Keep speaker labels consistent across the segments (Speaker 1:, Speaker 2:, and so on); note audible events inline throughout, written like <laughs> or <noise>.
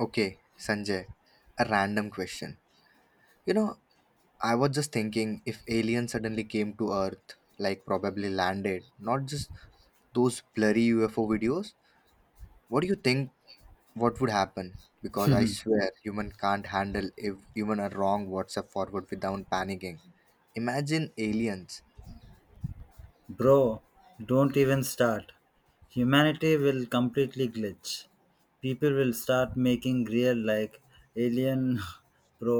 Speaker 1: Okay, Sanjay, a random question. You know, I was just thinking if aliens suddenly came to Earth, like probably landed, not just those blurry UFO videos, what do you think what would happen? Because I
Speaker 2: <laughs>
Speaker 1: swear human can't handle if even a wrong WhatsApp forward without panicking. Imagine aliens.
Speaker 2: Bro, don't even start. Humanity will completely glitch. People will start making real like alien <laughs> bro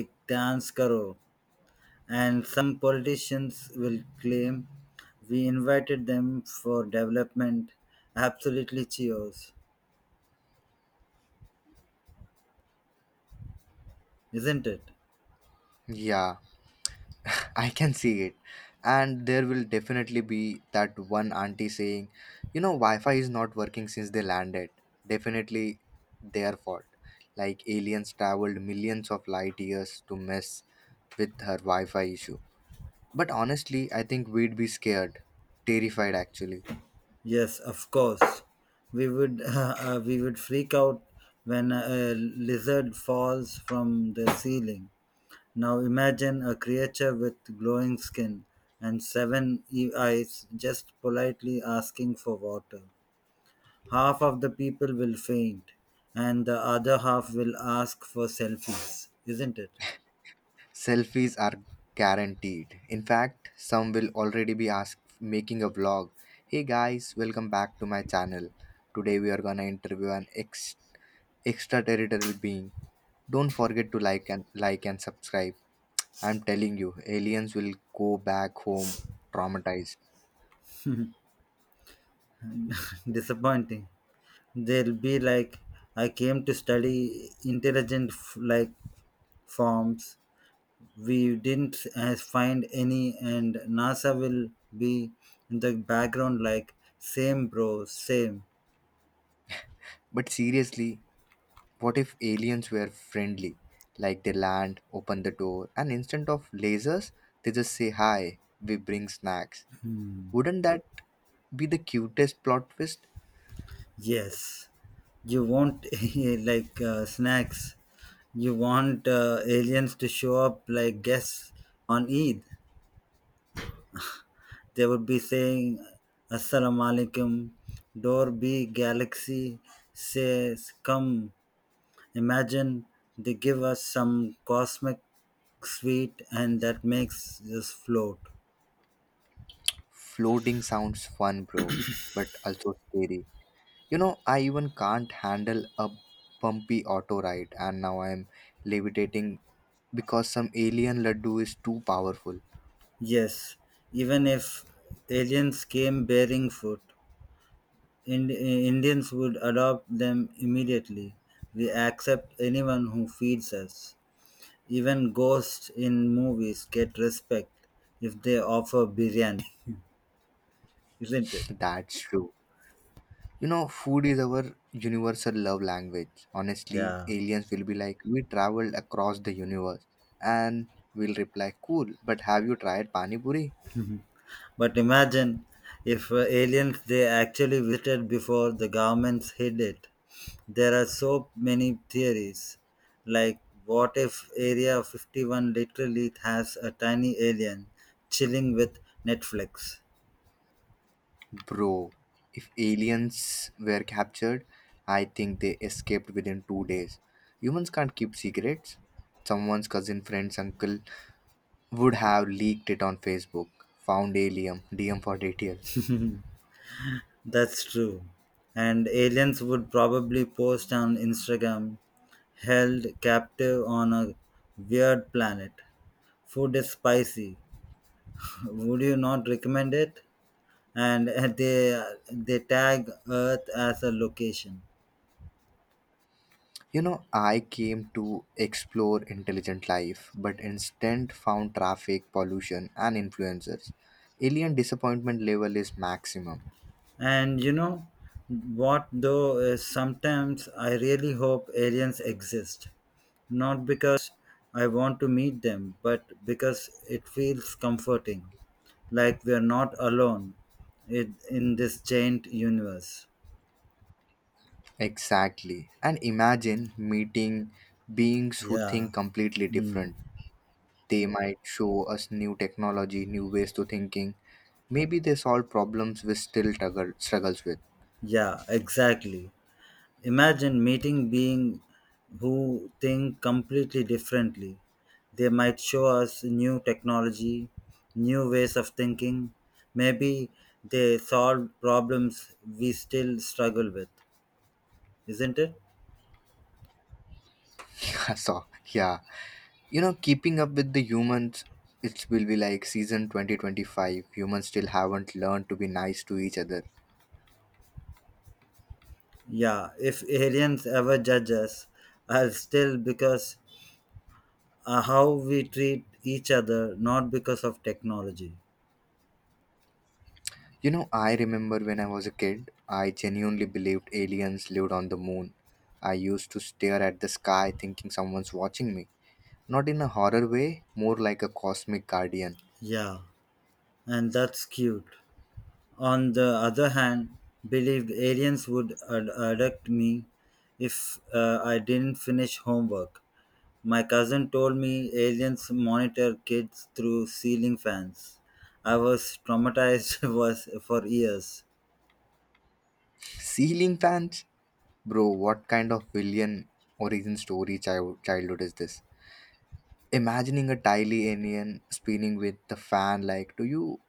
Speaker 2: ek dance karo, and some politicians will claim we invited them for development. Absolutely cheers, isn't it?
Speaker 1: Yeah, <laughs> I can see it. And there will definitely be that one auntie saying, you know, Wi Fi is not working since they landed. Definitely their fault. Like aliens traveled millions of light years to mess with her Wi Fi issue. But honestly, I think we'd be scared. Terrified actually.
Speaker 2: Yes, of course we would. <laughs> We would freak out when a lizard falls from the ceiling. Now imagine a creature with glowing skin and seven eyes just politely asking for water. Half of the people will faint, and the other half will ask for selfies, isn't it?
Speaker 1: Selfies are guaranteed. In fact, some will already be asked making a vlog. Hey guys, welcome back to my channel. Today we are gonna interview an ex extraterrestrial being. Don't forget to like and subscribe. I'm telling you, aliens will go back home traumatized.
Speaker 2: <laughs> Disappointing. They'll be like, I came to study intelligent like forms. We didn't find any, and NASA will be in the background like, same bro, same.
Speaker 1: But seriously, what if aliens were friendly? Like they land, open the door, and instead of lasers, they just say hi, we bring snacks. Wouldn't that be the cutest plot twist?
Speaker 2: Yes, you want <laughs> like snacks. You want aliens to show up like guests on Eid. They would be saying, Assalamu alaikum, door be galaxy says, come. Imagine they give us some cosmic sweet and that makes us float.
Speaker 1: Floating sounds fun, bro, but also scary. You know, I even can't handle a bumpy auto ride, and now I'm levitating because some alien laddu is too powerful.
Speaker 2: Yes, even if aliens came bearing food. Indians would adopt them immediately. We accept anyone who feeds us. Even ghosts in movies get respect if they offer biryani, <laughs> isn't it?
Speaker 1: <laughs> That's true. You know, food is our universal love language. Honestly,
Speaker 2: Yeah.
Speaker 1: aliens will be like, We traveled across the universe. And we'll reply, Cool, but have you tried Pani Puri?
Speaker 2: But imagine if aliens they actually visited before the governments hid it. There are so many theories. Like, what if Area 51 literally has a tiny alien chilling with Netflix?
Speaker 1: Bro, if aliens were captured, I think they escaped within 2 days. Humans can't keep secrets. Someone's cousin, friend's uncle, would have leaked it on Facebook, found Alium, DM for details.
Speaker 2: That's true. And aliens would probably post on Instagram held captive on a weird planet. Food is spicy. Would you not recommend it? And <laughs> they tag Earth as a location.
Speaker 1: You know, I came to explore intelligent life, but instead found traffic, pollution, and influencers. Alien disappointment level is maximum.
Speaker 2: And you know what, though, is sometimes I really hope aliens exist. Not because I want to meet them, but because it feels comforting, like we're not alone in this giant universe.
Speaker 1: Exactly. And imagine meeting beings who
Speaker 2: Yeah.
Speaker 1: think completely
Speaker 2: Hmm.
Speaker 1: different. They might show us new technology, new ways to thinking. Maybe they solve problems we still struggle struggles with. <laughs>
Speaker 2: Yeah, exactly. Imagine meeting beings who think completely differently. They might show us new technology, new ways of thinking. Maybe they solve problems we still struggle with, isn't it?
Speaker 1: Yeah, so yeah. You know, keeping up with the humans, it will be like season 2025. Humans still haven't learned to be nice to each other.
Speaker 2: Yeah, if aliens ever judge us, I'll still because how we treat each other, not because of technology.
Speaker 1: You know, I remember when I was a kid, I genuinely believed aliens lived on the moon. I used to stare at the sky thinking someone's watching me. Not in a horror way, more like a cosmic guardian.
Speaker 2: Yeah, and that's cute. On the other hand, believed aliens would abduct me if I didn't finish homework. My cousin told me aliens monitor kids through ceiling fans. I was traumatized <laughs> was for years.
Speaker 1: Ceiling fans? Bro, what kind of villain origin story childhood is this? Imagining a tiny alien spinning with the fan like do you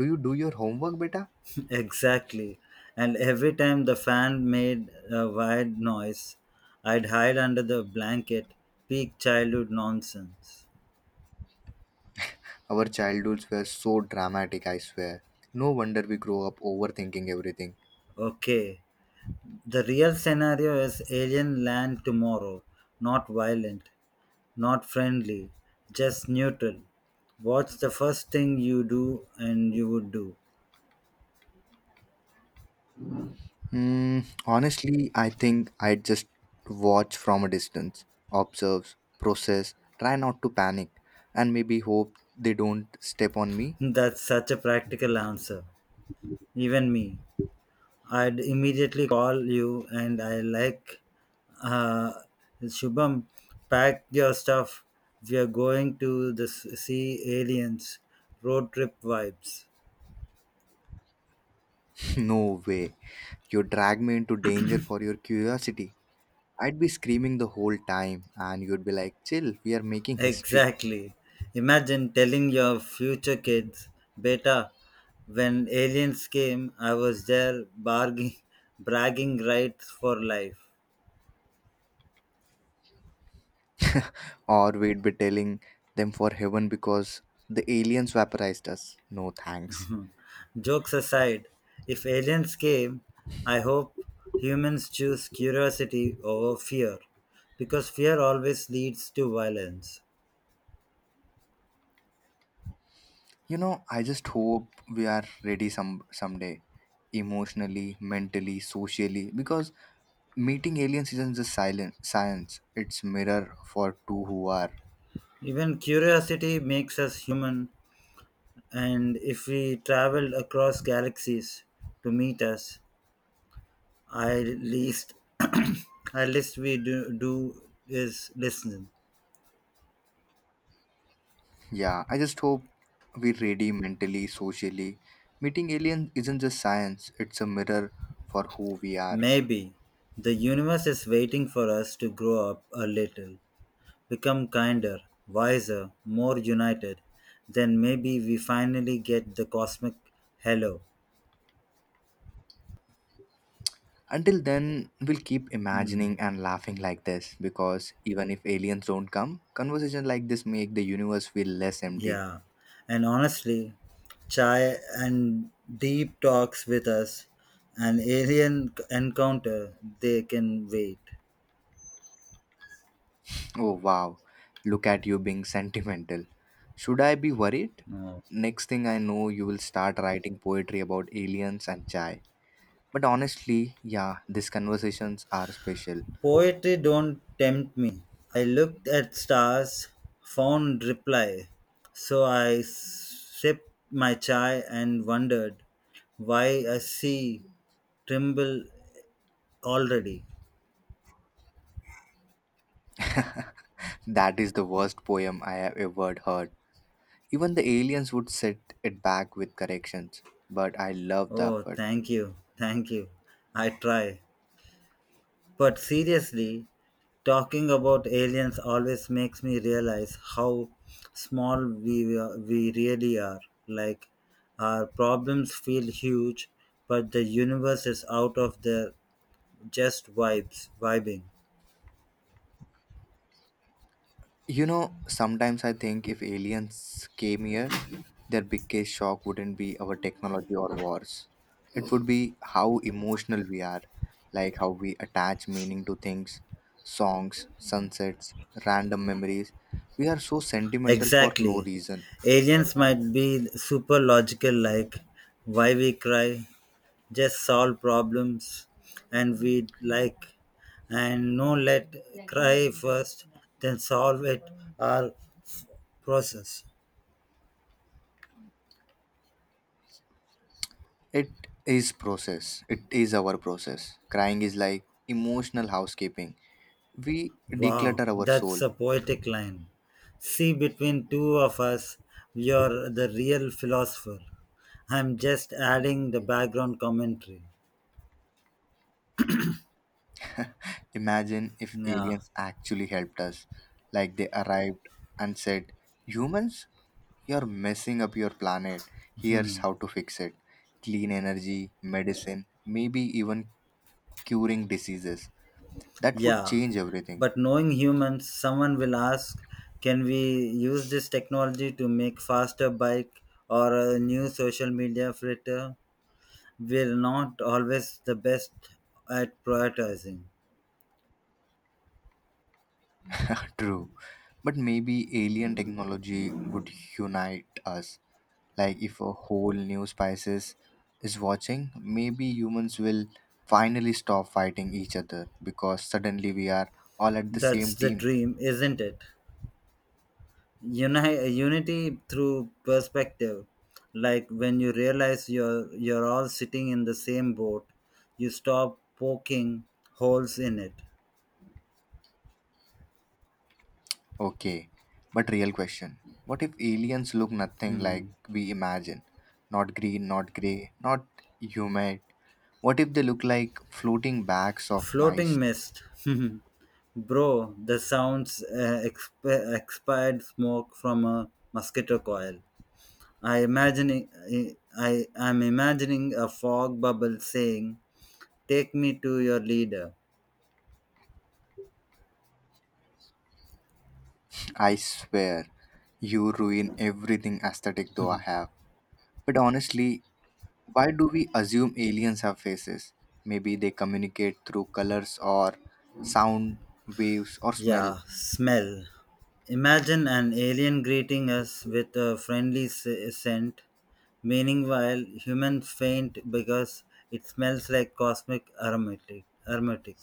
Speaker 1: do you do your homework beta?
Speaker 2: <laughs> exactly. And every time the fan made a wild noise, I'd hide under the blanket. Peak childhood nonsense.
Speaker 1: Our childhoods were so dramatic, I swear. No wonder we grow up overthinking everything.
Speaker 2: Okay, the real scenario is alien land tomorrow. Not violent, not friendly, just neutral. What's the first thing you do and you would do?
Speaker 1: Hmm, honestly, I think I just watch from a distance, observe, process, try not to panic, and maybe hope they don't step on me.
Speaker 2: That's such a practical answer. Even me. I'd immediately call you and I like, uh, Shubham, pack your stuff. We are going to the see aliens. Road trip vibes.
Speaker 1: <laughs> no way. You drag me into danger for your curiosity. I'd be screaming the whole time, and you'd be like, chill, we are making history.
Speaker 2: Exactly. Imagine telling your future kids, Beta, when aliens came, I was there barging, <laughs> bragging rights for life.
Speaker 1: Or we'd be telling them for heaven because the aliens vaporized us. No thanks.
Speaker 2: Jokes aside, if aliens came, I hope humans choose curiosity over fear because fear always leads to violence.
Speaker 1: You know, I just hope we are ready someday, emotionally, mentally, socially, because meeting aliens isn't just silent science. It's mirror for two who are.
Speaker 2: Even curiosity makes us human, and if we traveled across galaxies to meet us, I least <clears throat> at least we do is listen.
Speaker 1: Yeah, I just hope we're ready mentally, socially. Meeting aliens isn't just science. It's a mirror for who we are.
Speaker 2: Maybe the universe is waiting for us to grow up a little, become kinder, wiser, more united. Then maybe we finally get the cosmic hello.
Speaker 1: Until then, we'll keep
Speaker 2: Hmm.
Speaker 1: imagining and laughing like this because even if aliens don't come, conversations like this make the universe feel less empty.
Speaker 2: Yeah. And honestly, chai and deep talks with us, an alien encounter, they can wait.
Speaker 1: Oh wow, look at you being sentimental. Should I be worried?
Speaker 2: No.
Speaker 1: Next thing I know, you will start writing poetry about aliens and chai. But honestly, yeah, these conversations are special.
Speaker 2: Poetry don't tempt me. I looked at stars, found reply. So I sipped my chai and wondered why a sea tremble already.
Speaker 1: <laughs> that is the worst poem I have ever heard. Even the aliens would set it back with corrections, but I love the
Speaker 2: Oh,
Speaker 1: effort.
Speaker 2: thank you, thank you. I try. But seriously, talking about aliens always makes me realize how small we really are. Like, our problems feel huge, but the universe is out of their just vibes, vibing.
Speaker 1: You know, sometimes I think if aliens came here, their biggest shock wouldn't be our technology or wars. It would be how emotional we are, like how we attach meaning to things, songs, sunsets, random memories. We are so sentimental for no
Speaker 2: Exactly.
Speaker 1: reason.
Speaker 2: Aliens might be super logical, like why we cry, just solve problems, and we like, and no, let cry first, then solve it, or process.
Speaker 1: It is process. It is our process. Crying is like emotional housekeeping. We
Speaker 2: Wow,
Speaker 1: declutter our
Speaker 2: that's
Speaker 1: soul.
Speaker 2: a poetic line. See, between two of us, you're the real philosopher. I'm just adding the background commentary.
Speaker 1: Imagine if
Speaker 2: Yeah,
Speaker 1: aliens actually helped us, like they arrived and said, Humans, you're messing up your planet. Here's how to fix it clean energy, medicine, maybe even curing diseases. That would
Speaker 2: yeah.
Speaker 1: change everything.
Speaker 2: But knowing humans, someone will ask can we use this technology to make faster bike or a new social media filter? We're not always the best at prioritizing.
Speaker 1: <laughs> True. But maybe alien technology would unite us. Like if a whole new species is watching, maybe humans will finally stop fighting each other because suddenly we are all at the
Speaker 2: That's
Speaker 1: same
Speaker 2: the
Speaker 1: team.
Speaker 2: dream, isn't it? Unity through perspective like when you realize you're all sitting in the same boat, you stop poking holes in it.
Speaker 1: Okay, but real question. What if aliens look nothing like
Speaker 2: Hmm.
Speaker 1: we imagine? Not green, not grey, not humid. What if they look like floating bags of
Speaker 2: Floating
Speaker 1: mice?
Speaker 2: mist <laughs> bro the sounds expired smoke from a mosquito coil. I imagining I am imagining a fog bubble saying take me to your leader.
Speaker 1: I swear, you ruin everything aesthetic though I have. But honestly, why do we assume aliens have faces? Maybe they communicate through colors or sound waves or smell.
Speaker 2: Yeah, smell. Imagine an alien greeting us with a friendly scent, meaning while humans faint because it smells like cosmic aromatic. Aromatic.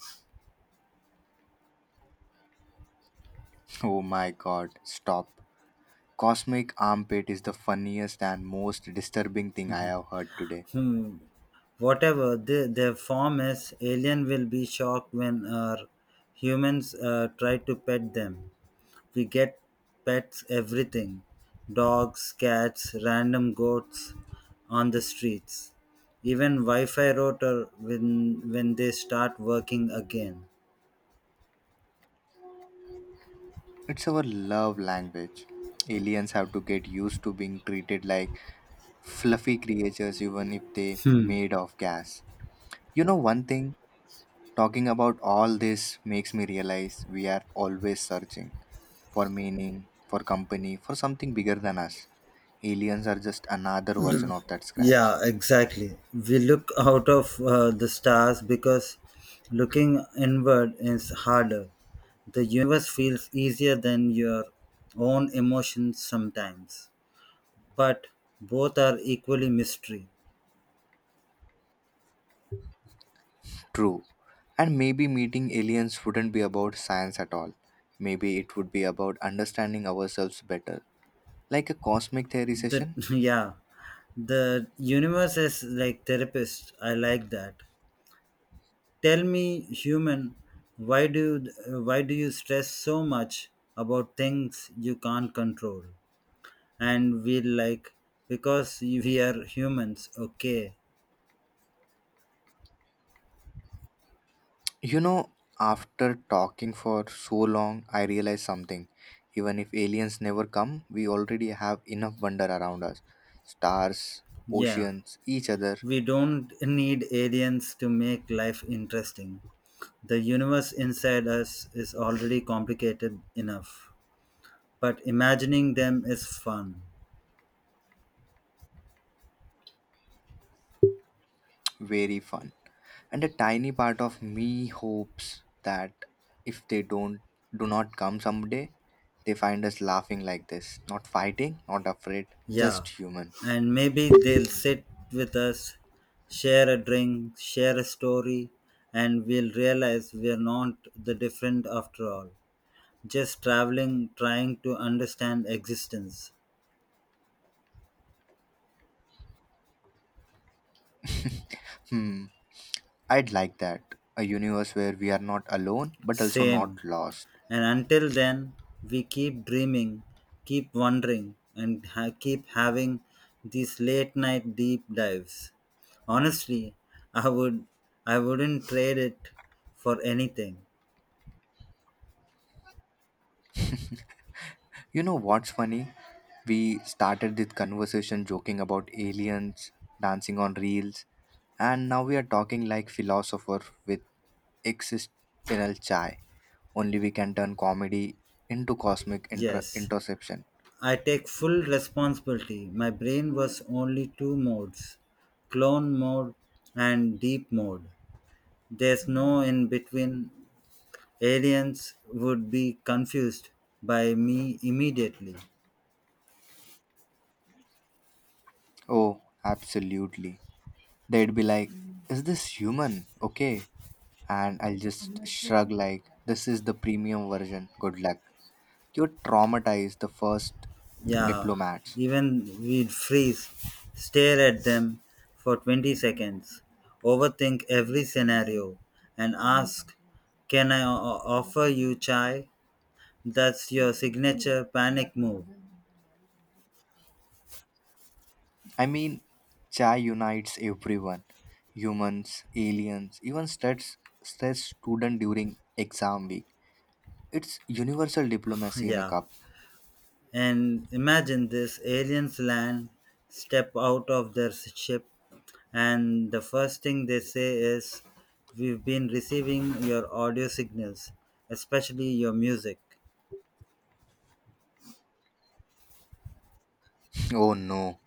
Speaker 1: Oh my god, stop. Cosmic armpit is the funniest and most disturbing thing I have heard today.
Speaker 2: Hmm. Whatever the, their form is, alien will be shocked when our humans try to pet them. We get pets everything dogs, cats, random goats on the streets, even Wi Fi router when they start working again.
Speaker 1: It's our love language. Aliens have to get used to being treated like fluffy creatures even if they
Speaker 2: Hmm.
Speaker 1: made of gas. You know one thing, talking about all this makes me realize we are always searching for meaning, for company, for something bigger than us. Aliens are just another version of that scratch.
Speaker 2: Yeah, exactly. We look out of the stars because looking inward is harder. The universe feels easier than your own emotions sometimes, but both are equally mystery.
Speaker 1: True. And maybe meeting aliens wouldn't be about science at all. Maybe it would be about understanding ourselves better, like a cosmic theory
Speaker 2: The
Speaker 1: session.
Speaker 2: <laughs> yeah, the universe is like therapist. I like that. Tell me, human, why do why do you stress so much about things you can't control? And we like because we are humans. Okay,
Speaker 1: You know, after talking for so long, I realized something. Even if aliens never come, we already have enough wonder around us stars,
Speaker 2: yeah,
Speaker 1: oceans, each other,
Speaker 2: we don't need aliens to make life interesting. The universe inside us is already complicated enough, but imagining them is fun.
Speaker 1: very fun. And a tiny part of me hopes that if they don't do not come someday, they find us laughing like this, not fighting, not afraid, just
Speaker 2: Yeah,
Speaker 1: human.
Speaker 2: and maybe they'll sit with us, share a drink, share a story, and we'll realize we're not the different after all. Just traveling, trying to understand existence.
Speaker 1: Hmm. I'd like that. A universe where we are not alone but also not
Speaker 2: Same.
Speaker 1: lost.
Speaker 2: And until then, we keep dreaming, keep wondering, and keep having these late night deep dives. Honestly, I would I wouldn't trade it for anything.
Speaker 1: You know what's funny? We started this conversation joking about aliens, dancing on reels, and now we are talking like philosopher with existential chai. Only we can turn comedy into cosmic inter-
Speaker 2: Yes,
Speaker 1: interception.
Speaker 2: I take full responsibility. My brain was only two modes clone mode and deep mode. There's no in between. Aliens would be confused by me immediately.
Speaker 1: Oh, absolutely. They'd be like, Is this human? Okay. And I'll just shrug, like, This is the premium version. Good luck. You traumatize the first
Speaker 2: Yeah,
Speaker 1: diplomats.
Speaker 2: even we'd freeze, stare at them for 20 seconds, overthink every scenario, and ask, Can I offer you chai? That's your signature panic move.
Speaker 1: I mean, chai unites everyone humans, aliens, even stress student during exam week. It's universal
Speaker 2: <laughs>
Speaker 1: diplomacy in a
Speaker 2: Yeah.
Speaker 1: cup. <laughs>
Speaker 2: And imagine this aliens land, step out of their ship, and the first thing they say is, We've been receiving your audio signals, especially your music.
Speaker 1: Oh no.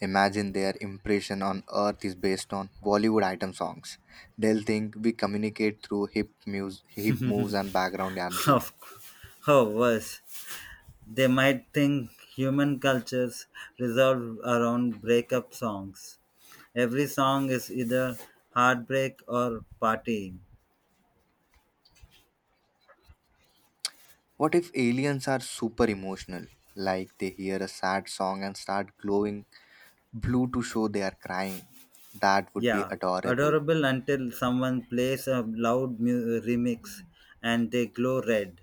Speaker 1: Imagine their impression on Earth is based on Bollywood item songs. They'll think we communicate through hip moves and background
Speaker 2: <laughs>
Speaker 1: dancer.
Speaker 2: Of or worse, they might think human cultures revolve around breakup songs. Every song is either heartbreak or partying.
Speaker 1: What if aliens are super emotional? Like they hear a sad song and start glowing blue to show they are crying. That would be
Speaker 2: Yeah,
Speaker 1: adorable.
Speaker 2: adorable until someone plays a loud remix and they glow red.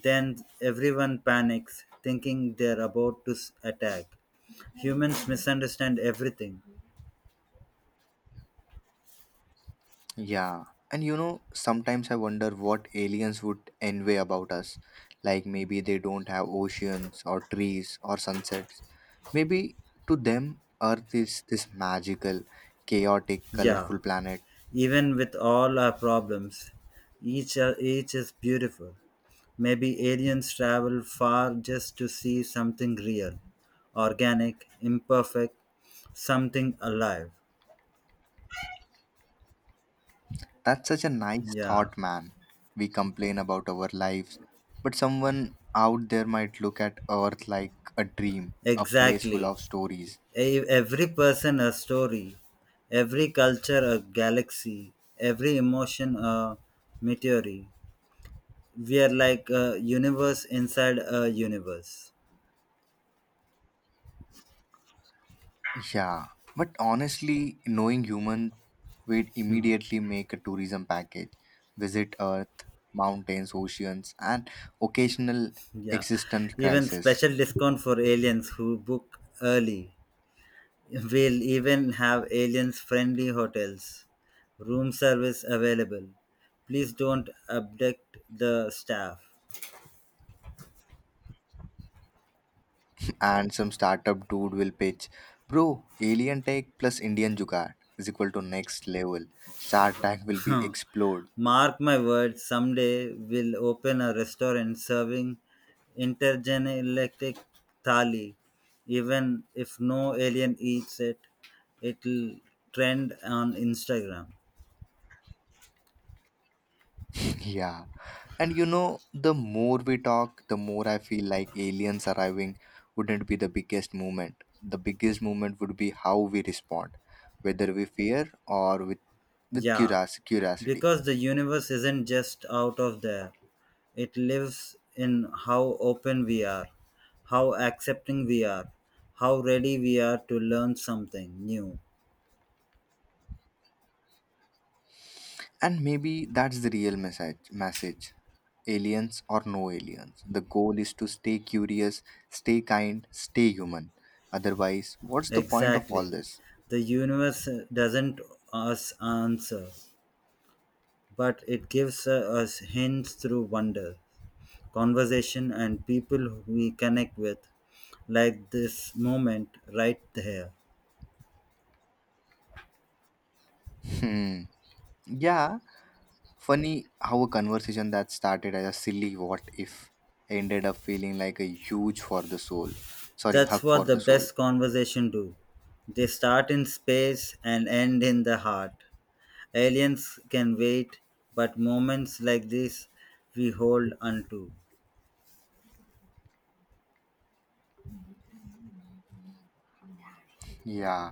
Speaker 2: Then everyone panics, thinking they're about to attack. Humans misunderstand everything.
Speaker 1: Yeah, and you know, sometimes I wonder what aliens would envy about us. Like maybe they don't have oceans or trees or sunsets. Maybe to them, Earth is this magical, chaotic,
Speaker 2: Yeah,
Speaker 1: colorful planet.
Speaker 2: even with all our problems, each is beautiful. Maybe aliens travel far just to see something real, organic, imperfect, something alive.
Speaker 1: That's such a nice
Speaker 2: Yeah,
Speaker 1: thought, man. We complain about our lives, but someone out there might look at Earth like a dream, a place full
Speaker 2: exactly.
Speaker 1: of stories.
Speaker 2: Every person a story, every culture a galaxy, every emotion a meteor. We are like a universe inside a universe.
Speaker 1: Yeah, but honestly, knowing humans would
Speaker 2: Hmm.
Speaker 1: immediately make a tourism package. Visit Earth, mountains, oceans, and occasional
Speaker 2: Yeah,
Speaker 1: existential
Speaker 2: even
Speaker 1: crisis.
Speaker 2: special discount for aliens who book early. We'll even have aliens friendly hotels, room service available. Please don't abduct the staff.
Speaker 1: <clears throat> <laughs> and some startup dude will pitch, bro, alien tech plus Indian jugaad is equal to next level. Shark Tank will be
Speaker 2: <laughs>
Speaker 1: explored.
Speaker 2: Mark my words, someday we'll open a restaurant serving intergalactic thali. Even if no alien eats it, it'll trend on Instagram.
Speaker 1: Yeah. And you know, the more we talk, the more I feel like aliens arriving wouldn't be the biggest movement. The biggest movement would be how we respond, whether we fear or with
Speaker 2: Yeah,
Speaker 1: curiosity.
Speaker 2: because the universe isn't just out of there, it lives in how open we are, how accepting we are, how ready we are to learn something new.
Speaker 1: And maybe that's the real message. Aliens or no aliens. The goal is to stay curious, stay kind, stay human. Otherwise, what's the point of all
Speaker 2: Exactly.
Speaker 1: this?
Speaker 2: The universe doesn't us answer, but it gives us hints through wonder, conversation, and people we connect with, like this moment right here.
Speaker 1: Hmm. Yeah, funny how a conversation that started as a silly what if ended up feeling like a huge for the soul. Sorry,
Speaker 2: That's
Speaker 1: hug for
Speaker 2: what the
Speaker 1: the soul.
Speaker 2: best conversation do. They start in space and end in the heart. Aliens can wait, but moments like this we hold onto.
Speaker 1: Yeah.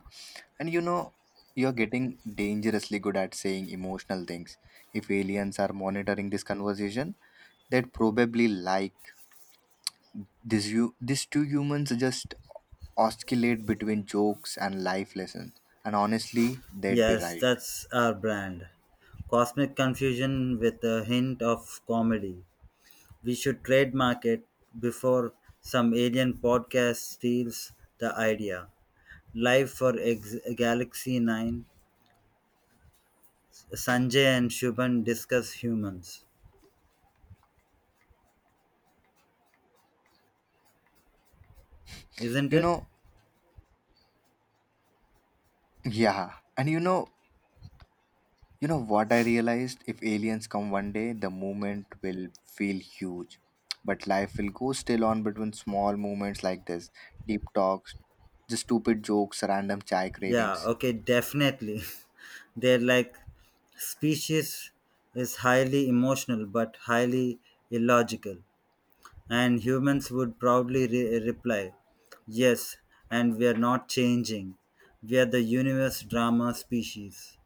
Speaker 1: And you know, you're getting dangerously good at saying emotional things. If aliens are monitoring this conversation, they'd probably like this you these two humans just oscillate between jokes and life lessons. And honestly, they'd be
Speaker 2: Yes,
Speaker 1: right.
Speaker 2: that's our brand. Cosmic confusion with a hint of comedy. We should trademark it before some alien podcast steals the idea. Live for Ex- Galaxy 9, Sanjay and Shubhan discuss humans. Isn't
Speaker 1: You
Speaker 2: it?
Speaker 1: know, yeah. And you know what I realized? If aliens come one day, the movement will feel huge. But life will go still on between small moments like this deep talks, just stupid jokes, random chai
Speaker 2: Yeah,
Speaker 1: cravings.
Speaker 2: okay, definitely. <laughs> They're like, species is highly emotional but highly illogical. And humans would proudly reply, Yes, and we are not changing. We are the universe drama species.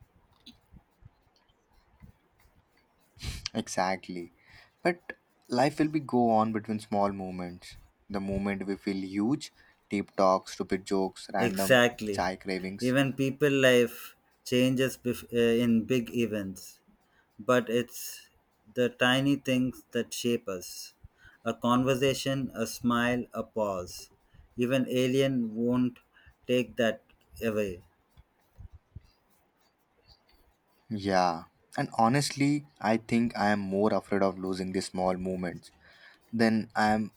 Speaker 1: Exactly. But life will be go on between small moments. The moment we feel huge, deep talks, stupid jokes, random
Speaker 2: Exactly.
Speaker 1: chai cravings.
Speaker 2: Even people life changes in big events, but it's the tiny things that shape us. A conversation, a smile, a pause. Even alien won't take that away.
Speaker 1: Yeah. And honestly, I think I am more afraid of losing these small moments than I am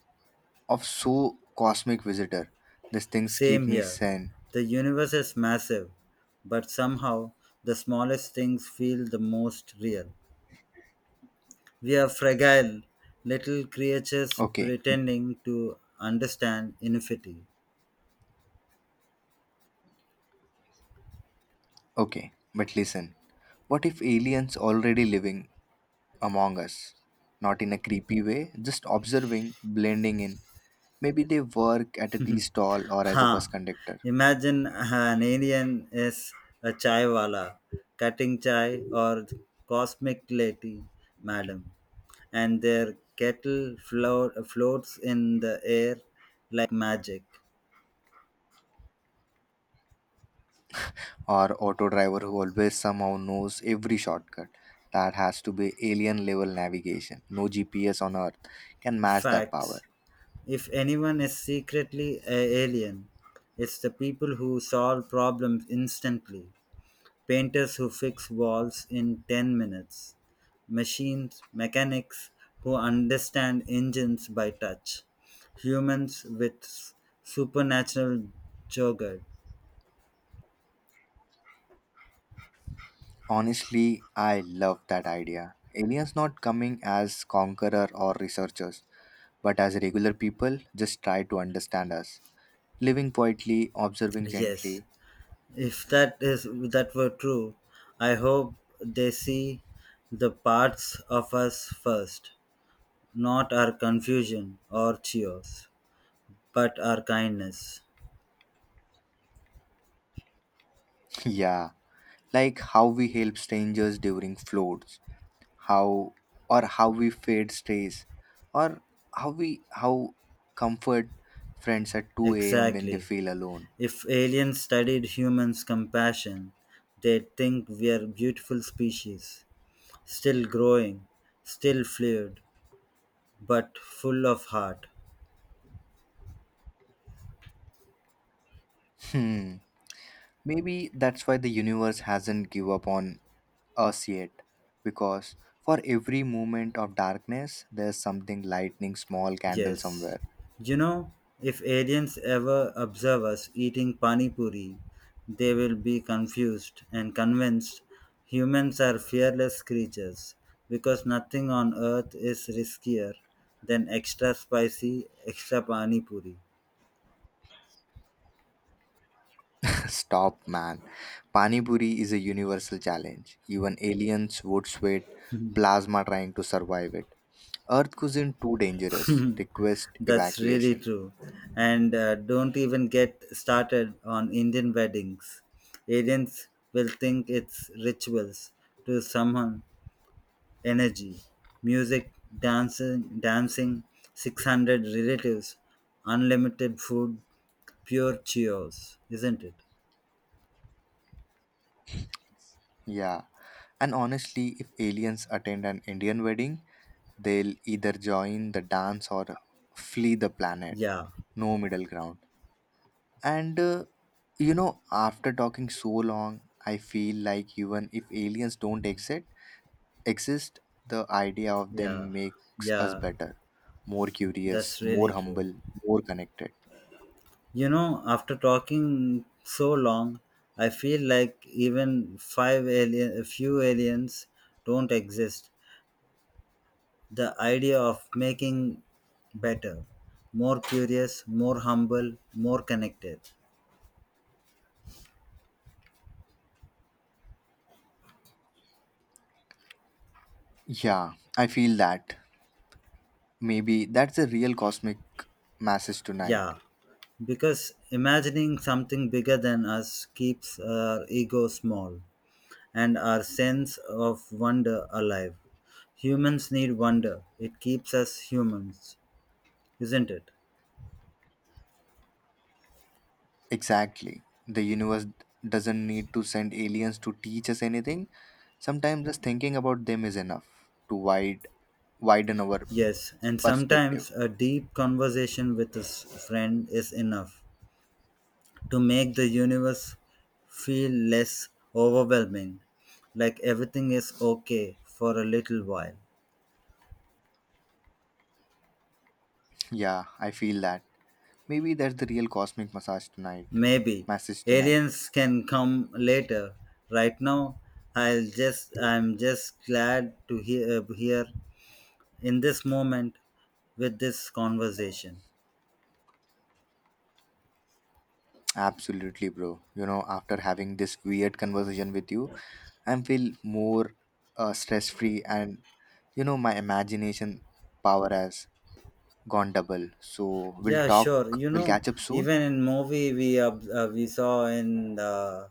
Speaker 1: of so cosmic visitor. These things keep
Speaker 2: Same
Speaker 1: me
Speaker 2: here.
Speaker 1: sane.
Speaker 2: The universe is massive, but somehow the smallest things feel the most real. We are fragile little creatures
Speaker 1: Okay,
Speaker 2: pretending to understand infinity.
Speaker 1: okay, but listen. What if aliens already living among us? Not in a creepy way, just observing, blending in. Maybe they work at a tea stall or
Speaker 2: <laughs>
Speaker 1: as a
Speaker 2: ha!
Speaker 1: bus conductor
Speaker 2: Imagine an alien is a chaiwala cutting chai or cosmic lady, madam, and their kettle floats in the air like magic.
Speaker 1: or auto driver who always somehow knows every shortcut. That has to be alien level navigation. No GPS on earth can match that power.
Speaker 2: Facts. If anyone is secretly a alien, it's the people who solve problems instantly, painters who fix walls in 10 minutes, machines, mechanics who understand engines by touch, humans with supernatural jogger.
Speaker 1: Honestly, I love that idea. Aliens not coming as conqueror or researchers, but as regular people just try to understand us. Living quietly, observing
Speaker 2: Yes,
Speaker 1: gently.
Speaker 2: if that were true, I hope they see the parts of us first, not our confusion or cheers, but our kindness.
Speaker 1: <laughs> yeah, like how we help strangers during floods, how or how we fade stays, or how we how comfort friends at 2 a.m. when they
Speaker 2: Exactly.
Speaker 1: feel alone.
Speaker 2: If aliens studied humans' compassion, they'd think we're beautiful species, still growing, still fluid, but full of heart.
Speaker 1: Hmm. Maybe that's why the universe hasn't give up on us yet because for every moment of darkness there's something lightning small candle
Speaker 2: Yes.
Speaker 1: somewhere
Speaker 2: You know, if aliens ever observe us eating pani puri, they will be confused and convinced humans are fearless creatures because nothing on earth is riskier than extra spicy, extra pani puri.
Speaker 1: <laughs> stop man pani puri is a universal challenge even aliens would sweat plasma trying to survive it earth cuisine too dangerous request
Speaker 2: That's really
Speaker 1: evacuation
Speaker 2: true. And don't even get started on Indian weddings. Aliens will think it's rituals to someone energy, music, dancing, 600 relatives, unlimited food, pure cheers, isn't it?
Speaker 1: yeah and honestly if aliens attend an indian wedding they'll either join the dance or flee the planet
Speaker 2: Yeah,
Speaker 1: no middle ground And you know, after talking so long, I feel like even if aliens don't exist, the idea of them
Speaker 2: yeah,
Speaker 1: makes us
Speaker 2: yeah,
Speaker 1: better, more curious,
Speaker 2: that's
Speaker 1: more
Speaker 2: really true.
Speaker 1: humble, more connected.
Speaker 2: You know, after talking so long, I feel like even a few aliens don't exist. The idea of making better, more curious, more humble, more connected.
Speaker 1: Yeah, I feel that. Maybe that's the real cosmic message tonight.
Speaker 2: Yeah, because imagining something bigger than us keeps our ego small and our sense of wonder alive. Humans need wonder, it keeps us humans, isn't it?
Speaker 1: Exactly. The universe doesn't need to send aliens to teach us anything. Sometimes just thinking about them is enough to widen our
Speaker 2: Yes, and
Speaker 1: perspective.
Speaker 2: sometimes a deep conversation with a friend is enough to make the universe feel less overwhelming, like everything is okay for a little while.
Speaker 1: Yeah, I feel that. Maybe that's the real cosmic massage tonight.
Speaker 2: Maybe
Speaker 1: Message tonight.
Speaker 2: aliens can come later. Right now, I'm just glad to hear here in this moment with this conversation.
Speaker 1: Absolutely, bro. You know, after having this weird conversation with you, I feel more stress free and you know my imagination power has gone double. So we'll
Speaker 2: Yeah, sure.
Speaker 1: talk.
Speaker 2: You
Speaker 1: We'll
Speaker 2: know,
Speaker 1: catch up soon.
Speaker 2: even in movie we we saw uh,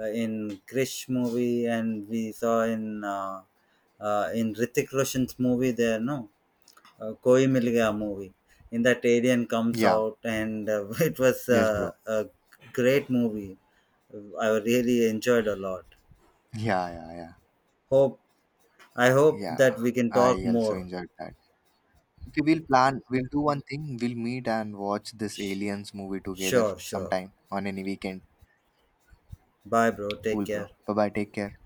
Speaker 2: uh, in Krish movie and we saw in Ritik Roshan's movie there. No, Koi Mil Gaya movie. In that, alien comes
Speaker 1: Yeah.
Speaker 2: out, and <laughs> it was
Speaker 1: Yes, bro.
Speaker 2: a great movie. I really enjoyed a lot.
Speaker 1: Yeah, yeah, yeah,
Speaker 2: Hope I hope
Speaker 1: yeah.
Speaker 2: that we can talk
Speaker 1: I also
Speaker 2: more.
Speaker 1: enjoyed that. Okay, we'll plan. We'll do one thing. We'll meet and watch this aliens movie together
Speaker 2: Sure, sure.
Speaker 1: sometime on any weekend.
Speaker 2: Bye, bro. Take
Speaker 1: Cool, bro.
Speaker 2: care.
Speaker 1: Bye bye. Take care.